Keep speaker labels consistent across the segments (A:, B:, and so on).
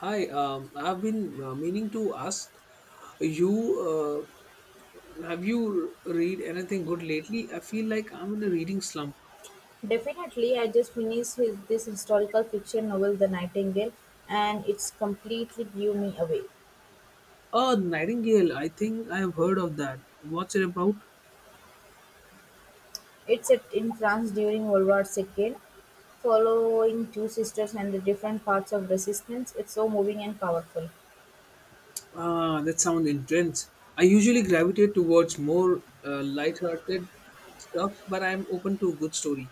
A: Hi, I've been meaning to ask you. Have you read anything good lately? I feel like I'm in a reading slump.
B: Definitely, I just finished this historical fiction novel, The Nightingale, and it's completely blew me away.
A: Oh, Nightingale, I think I have heard of that. What's it about?
B: It's set in France during World War II, following two sisters and the different parts of resistance. It's so moving and powerful.
A: Ah, that sounds intense. I usually gravitate towards more light-hearted stuff, but I'm open to a good story.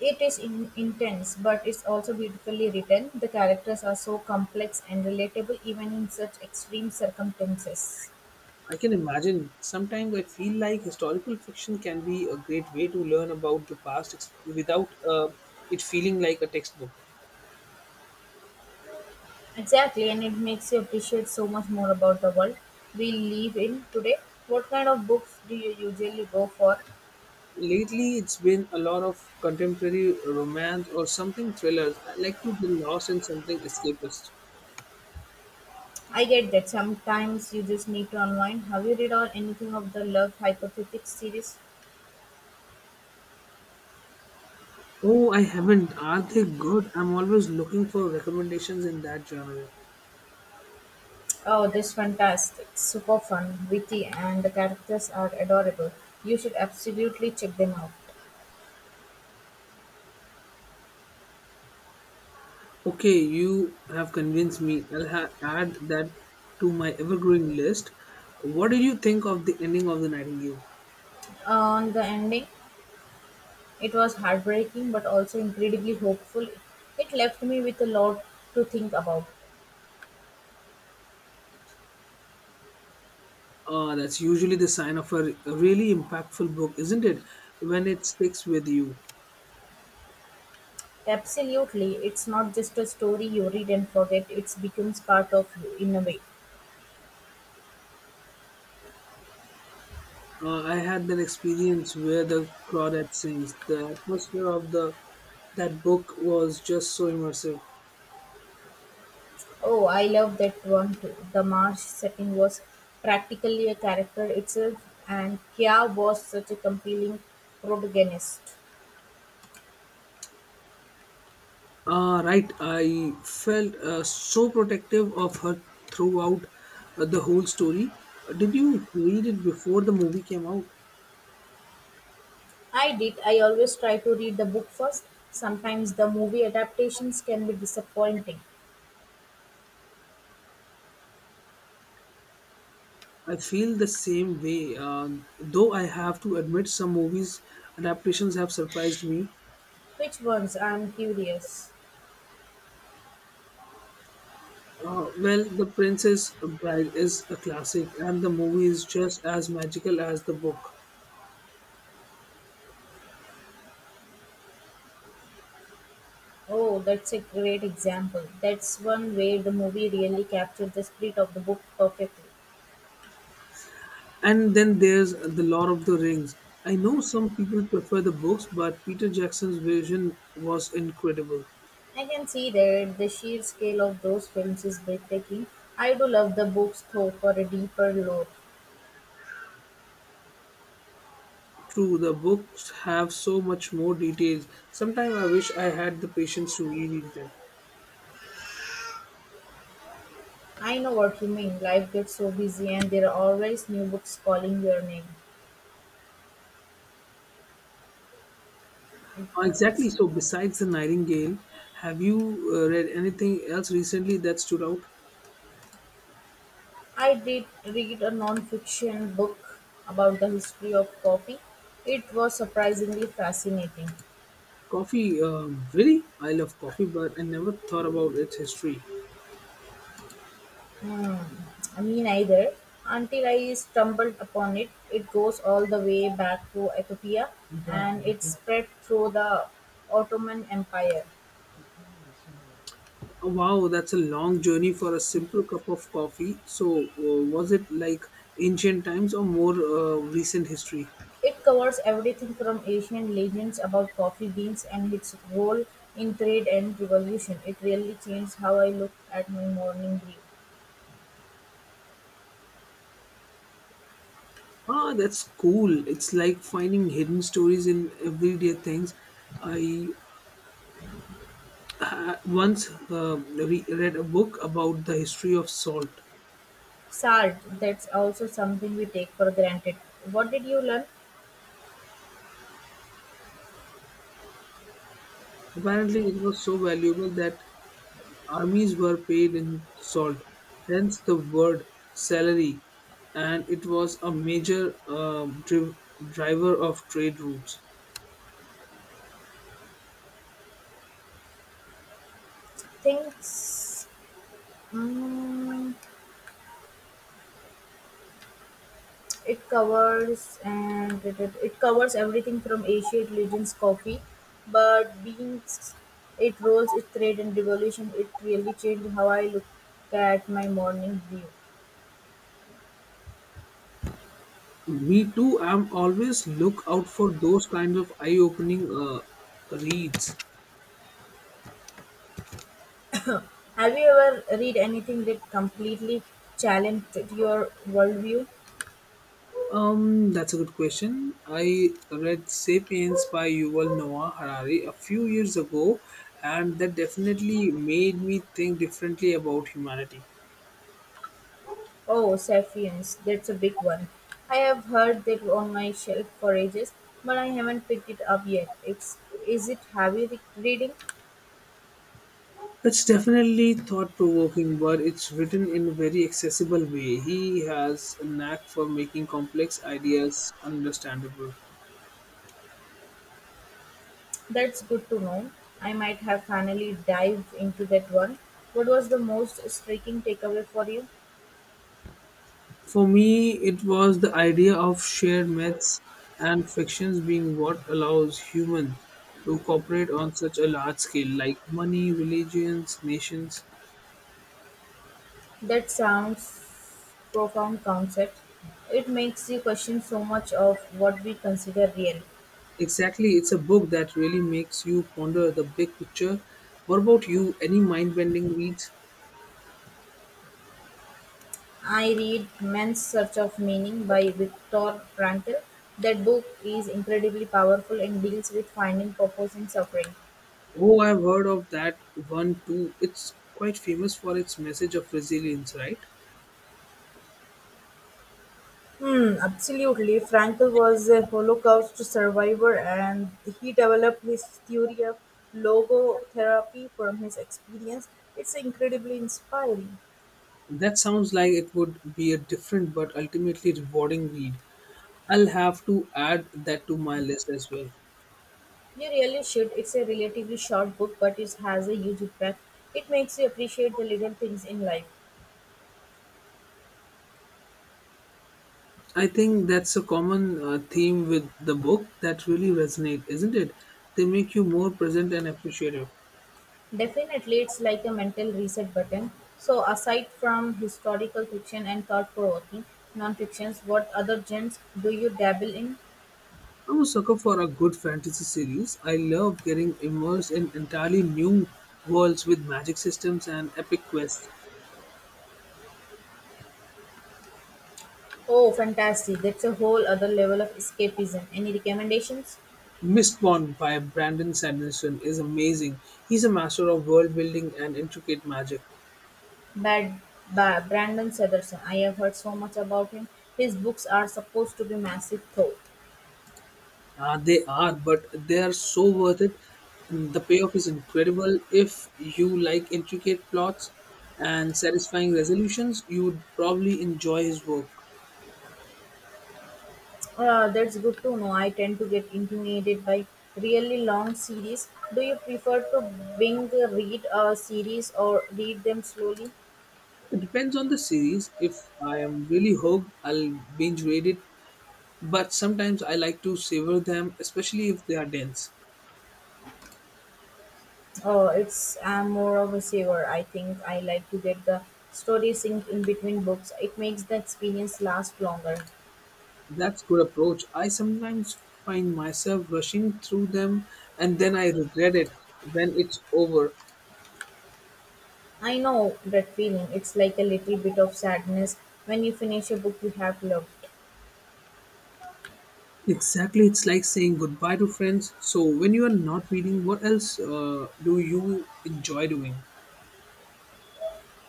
B: Intense, but it's also beautifully written. The characters are so complex and relatable, even in such extreme circumstances.
A: I can imagine. Sometimes I feel like historical fiction can be a great way to learn about the past without it feeling like a textbook.
B: Exactly, and it makes you appreciate so much more about the world we live in today. What kind of books do you usually go for?
A: Lately, it's been a lot of contemporary romance or something thrillers. I like to get lost in something escapist.
B: I get that sometimes you just need to unwind. Have you read or anything of the Love Hypothetics series?
A: Oh, I haven't. Are they good? I'm always looking for recommendations in that genre.
B: Oh, that's fantastic. Super fun, witty, and the characters are adorable. You should absolutely check them out.
A: Okay, you have convinced me. I'll add that to my ever-growing list. What did you think of the ending of The Nightingale?
B: On the ending, it was heartbreaking but also incredibly hopeful. It left me with a lot to think about.
A: That's usually the sign of a really impactful book, isn't it? When it sticks with you.
B: Absolutely. It's not just a story you read and forget, it becomes part of you in a way.
A: I had that experience where the claudette sings. The atmosphere of the that book was just so immersive.
B: Oh, I love that one too. The marsh setting was practically a character itself, and Kya was such a compelling protagonist.
A: Right, I felt so protective of her throughout the whole story. Did you read it before the movie came out?
B: I did. I always try to read the book first. Sometimes the movie adaptations can be disappointing.
A: I feel the same way, though I have to admit some movies adaptations have surprised me.
B: Which ones? I'm curious.
A: Well, The Princess Bride is a classic, and the movie is just as magical as the book.
B: Oh, that's a great example. That's one where the movie really captured the spirit of the book perfectly.
A: And then there's The Lord of the Rings. I know some people prefer the books, but Peter Jackson's version was incredible.
B: I can see that the sheer scale of those films is breathtaking. I do love the books though for a deeper lore.
A: True, the books have so much more details. Sometimes I wish I had the patience to reread them.
B: I know what you mean. Life gets so busy and there are always new books calling your name.
A: Exactly. So, besides The Nightingale, have you read anything else recently that stood out?
B: I did read a non-fiction book about the history of coffee. It was surprisingly fascinating.
A: Coffee, really? I love coffee, but I never thought about its history.
B: Hmm. I mean either until I stumbled upon it. It goes all the way back to Ethiopia and it spread through the Ottoman Empire.
A: Oh, wow, that's a long journey for a simple cup of coffee. So, was it like ancient times or more recent history?
B: It covers everything from ancient legends about coffee beans and its role in trade and revolution. It really changed how I look at my morning brew.
A: Ah, that's cool. It's like finding hidden stories in everyday things. I once read a book about the history of salt.
B: Salt, that's also something we take for granted. What did you learn?
A: Apparently, it was so valuable that armies were paid in salt, hence the word salary, and it was a major driver of trade routes.
B: Things mm, it covers and it covers everything from ancient legends coffee, but beans it rolls its trade and revolution. It really changed how I look at my morning brew.
A: Me too. I'm always look out for those kinds of eye-opening reads.
B: Have you ever read anything that completely challenged your worldview?
A: That's a good question. I read *Sapiens* by Yuval Noah Harari a few years ago, and that definitely made me think differently about humanity.
B: Oh, Sapiens, that's a big one. I have heard that on my shelf for ages, but I haven't picked it up yet. It's, is it heavy reading?
A: It's definitely thought-provoking, but it's written in a very accessible way. He has a knack for making complex ideas understandable.
B: That's good to know. I might have finally dived into that one. What was the most striking takeaway for you?
A: For me, it was the idea of shared myths and fictions being what allows humans to cooperate on such a large scale, like money, religions, nations.
B: That sounds profound concept. It makes you question so much of what we consider real.
A: Exactly, it's a book that really makes you ponder the big picture. What about you? Any mind bending reads?
B: I read Man's Search of Meaning by Viktor Frankl. That book is incredibly powerful and deals with finding purpose in suffering.
A: Oh, I've heard of that one too. It's quite famous for its message of resilience, right?
B: Hmm, absolutely. Frankl was a Holocaust survivor and he developed his theory of logotherapy from his experience. It's incredibly inspiring.
A: That sounds like it would be a different but ultimately rewarding read. I'll have to add that to my list as well.
B: You really should. It's a relatively short book, but it has a huge impact. It makes you appreciate the little things in life.
A: I think that's a common theme with the book that really resonate, isn't it? They make you more present and appreciative.
B: Definitely, it's like a mental reset button. So, aside from historical fiction and thought provoking non-fictions, what other genres do you dabble in?
A: I'm a sucker for a good fantasy series. I love getting immersed in entirely new worlds with magic systems and epic quests.
B: Oh, fantastic. That's a whole other level of escapism. Any recommendations?
A: Mistborn by Brandon Sanderson is amazing. He's a master of world building and intricate magic.
B: Bad, ba Brandon Sanderson. I have heard so much about him. His books are supposed to be massive, though.
A: They are, but they are so worth it. The payoff is incredible. If you like intricate plots and satisfying resolutions, you would probably enjoy his work.
B: That's good to know. I tend to get intimidated by really long series. Do you prefer to binge read a series or read them slowly?
A: It depends on the series. If I am really hooked, I'll binge read it, but sometimes I like to savor them, especially if they are dense.
B: Oh, it's I'm more of a saver. I think I like to get the story synced in between books. It makes the experience last longer.
A: That's good approach. I sometimes find myself rushing through them and then I regret it when it's over.
B: I know that feeling. It's like a little bit of sadness when you finish a book you have loved.
A: Exactly, it's like saying goodbye to friends. So when you are not reading, what else do you enjoy doing?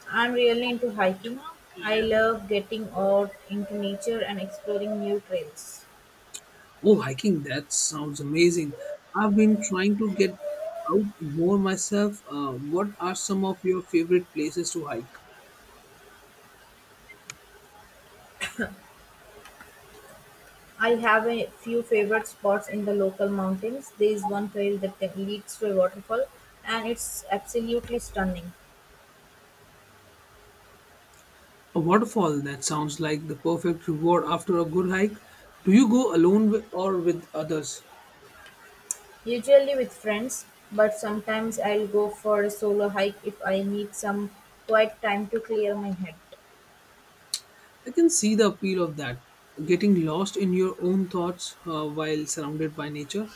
B: I'm really into hiking. I love getting out into nature and exploring new trails.
A: Oh, hiking. That sounds amazing. I've been trying to get out more myself. What are some of your favorite places to hike?
B: I have a few favorite spots in the local mountains. There is one trail that leads to a waterfall, and it's absolutely stunning.
A: A waterfall. That sounds like the perfect reward after a good hike. Do you go alone or with others?
B: Usually with friends, but sometimes I'll go for a solo hike if I need some quiet time to clear my head.
A: I can see the appeal of that. Getting lost in your own thoughts while surrounded by nature.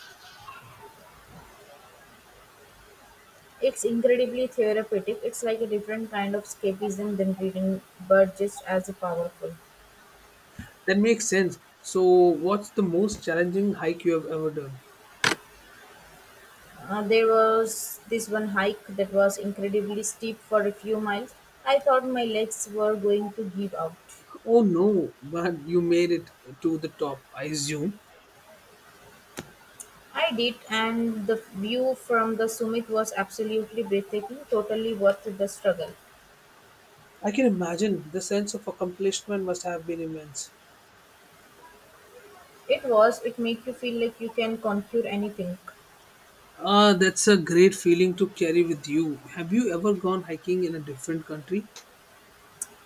B: It's incredibly therapeutic. It's like a different kind of escapism than reading, but just as powerful.
A: That makes sense. So, what's the most challenging hike you have ever done?
B: There was this one hike that was incredibly steep for a few miles. I thought my legs were going to give out.
A: Oh no, but you made it to the top, I assume.
B: I did, and the view from the summit was absolutely breathtaking, totally worth the struggle.
A: I can imagine the sense of accomplishment must have been immense.
B: It was it make you feel like you can conquer anything?
A: Ah, that's a great feeling to carry with you. Have you ever gone hiking in a different country?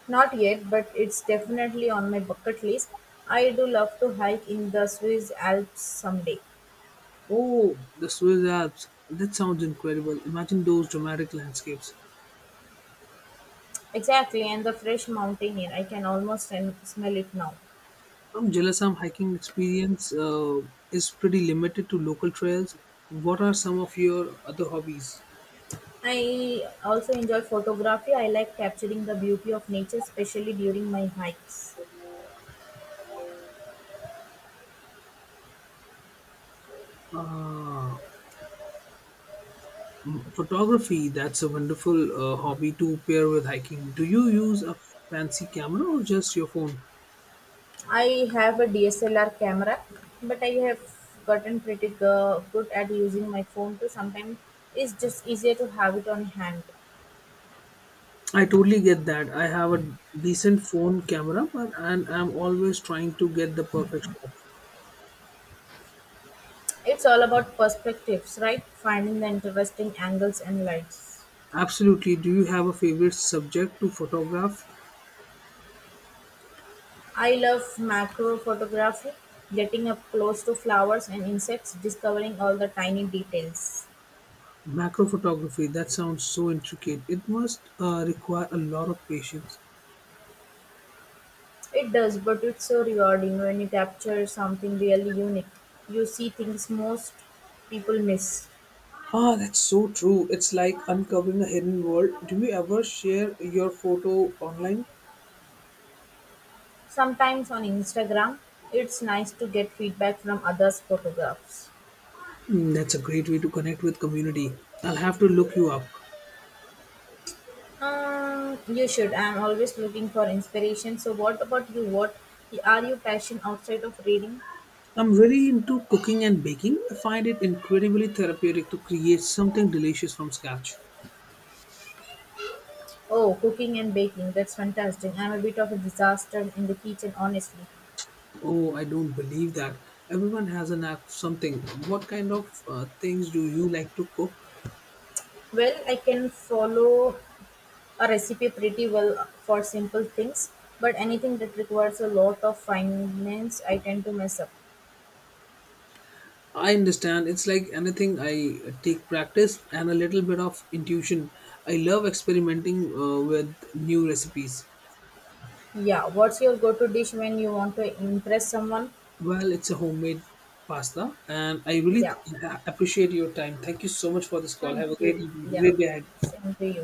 B: Not yet, but it's definitely on my bucket list. I do love to hike in the Swiss Alps someday.
A: Oh, the Swiss Alps. That sounds incredible. Imagine those dramatic landscapes.
B: Exactly, and the fresh mountain air. I can almost smell it now.
A: From Jelasam hiking experience is pretty limited to local trails. What are some of your other hobbies?
B: I also enjoy photography. I like capturing the beauty of nature, especially during my hikes.
A: Uh, photography, that's a wonderful hobby to pair with hiking. Do you use a fancy camera or just your phone?
B: I have a DSLR camera, but I have gotten pretty good at using my phone too. Sometimes it's just easier to have it on hand.
A: I totally get that. I have a decent phone camera, but and I'm always trying to get the perfect shot.
B: It's all about perspectives, right? Finding the interesting angles and lights.
A: Absolutely. Do you have a favorite subject to photograph?
B: I love macro photography, getting up close to flowers and insects, discovering all the tiny details.
A: Macro photography, that sounds so intricate. It must require a lot of patience.
B: It does, but it's so rewarding when you capture something really unique. You see things most people miss.
A: Ah, that's so true. It's like uncovering a hidden world. Do you ever share your photo online?
B: Sometimes on Instagram, it's nice to get feedback from others' photographs.
A: Mm, that's a great way to connect with community. I'll have to look you up.
B: You should. I'm always looking for inspiration. So, what about you? What are you passion outside of reading?
A: I'm really into cooking and baking. I find it incredibly therapeutic to create something delicious from scratch.
B: Oh, cooking and baking. That's fantastic. I'm a bit of a disaster in the kitchen, honestly.
A: Oh, I don't believe that. Everyone has a knack for something. What kind of things do you like to cook?
B: Well, I can follow a recipe pretty well for simple things, but anything that requires a lot of finance, I tend to mess up.
A: I understand. It's like anything. I take practice and a little bit of intuition. I love experimenting with new recipes.
B: Yeah. What's your go-to dish when you want to impress someone?
A: Well, it's a homemade pasta, and I really
B: Yeah.
A: appreciate your time. Thank you so much for this call.
B: Thank
A: Have a
B: you.
A: great evening,
B: Yeah.
A: great day ahead.
B: Same to you.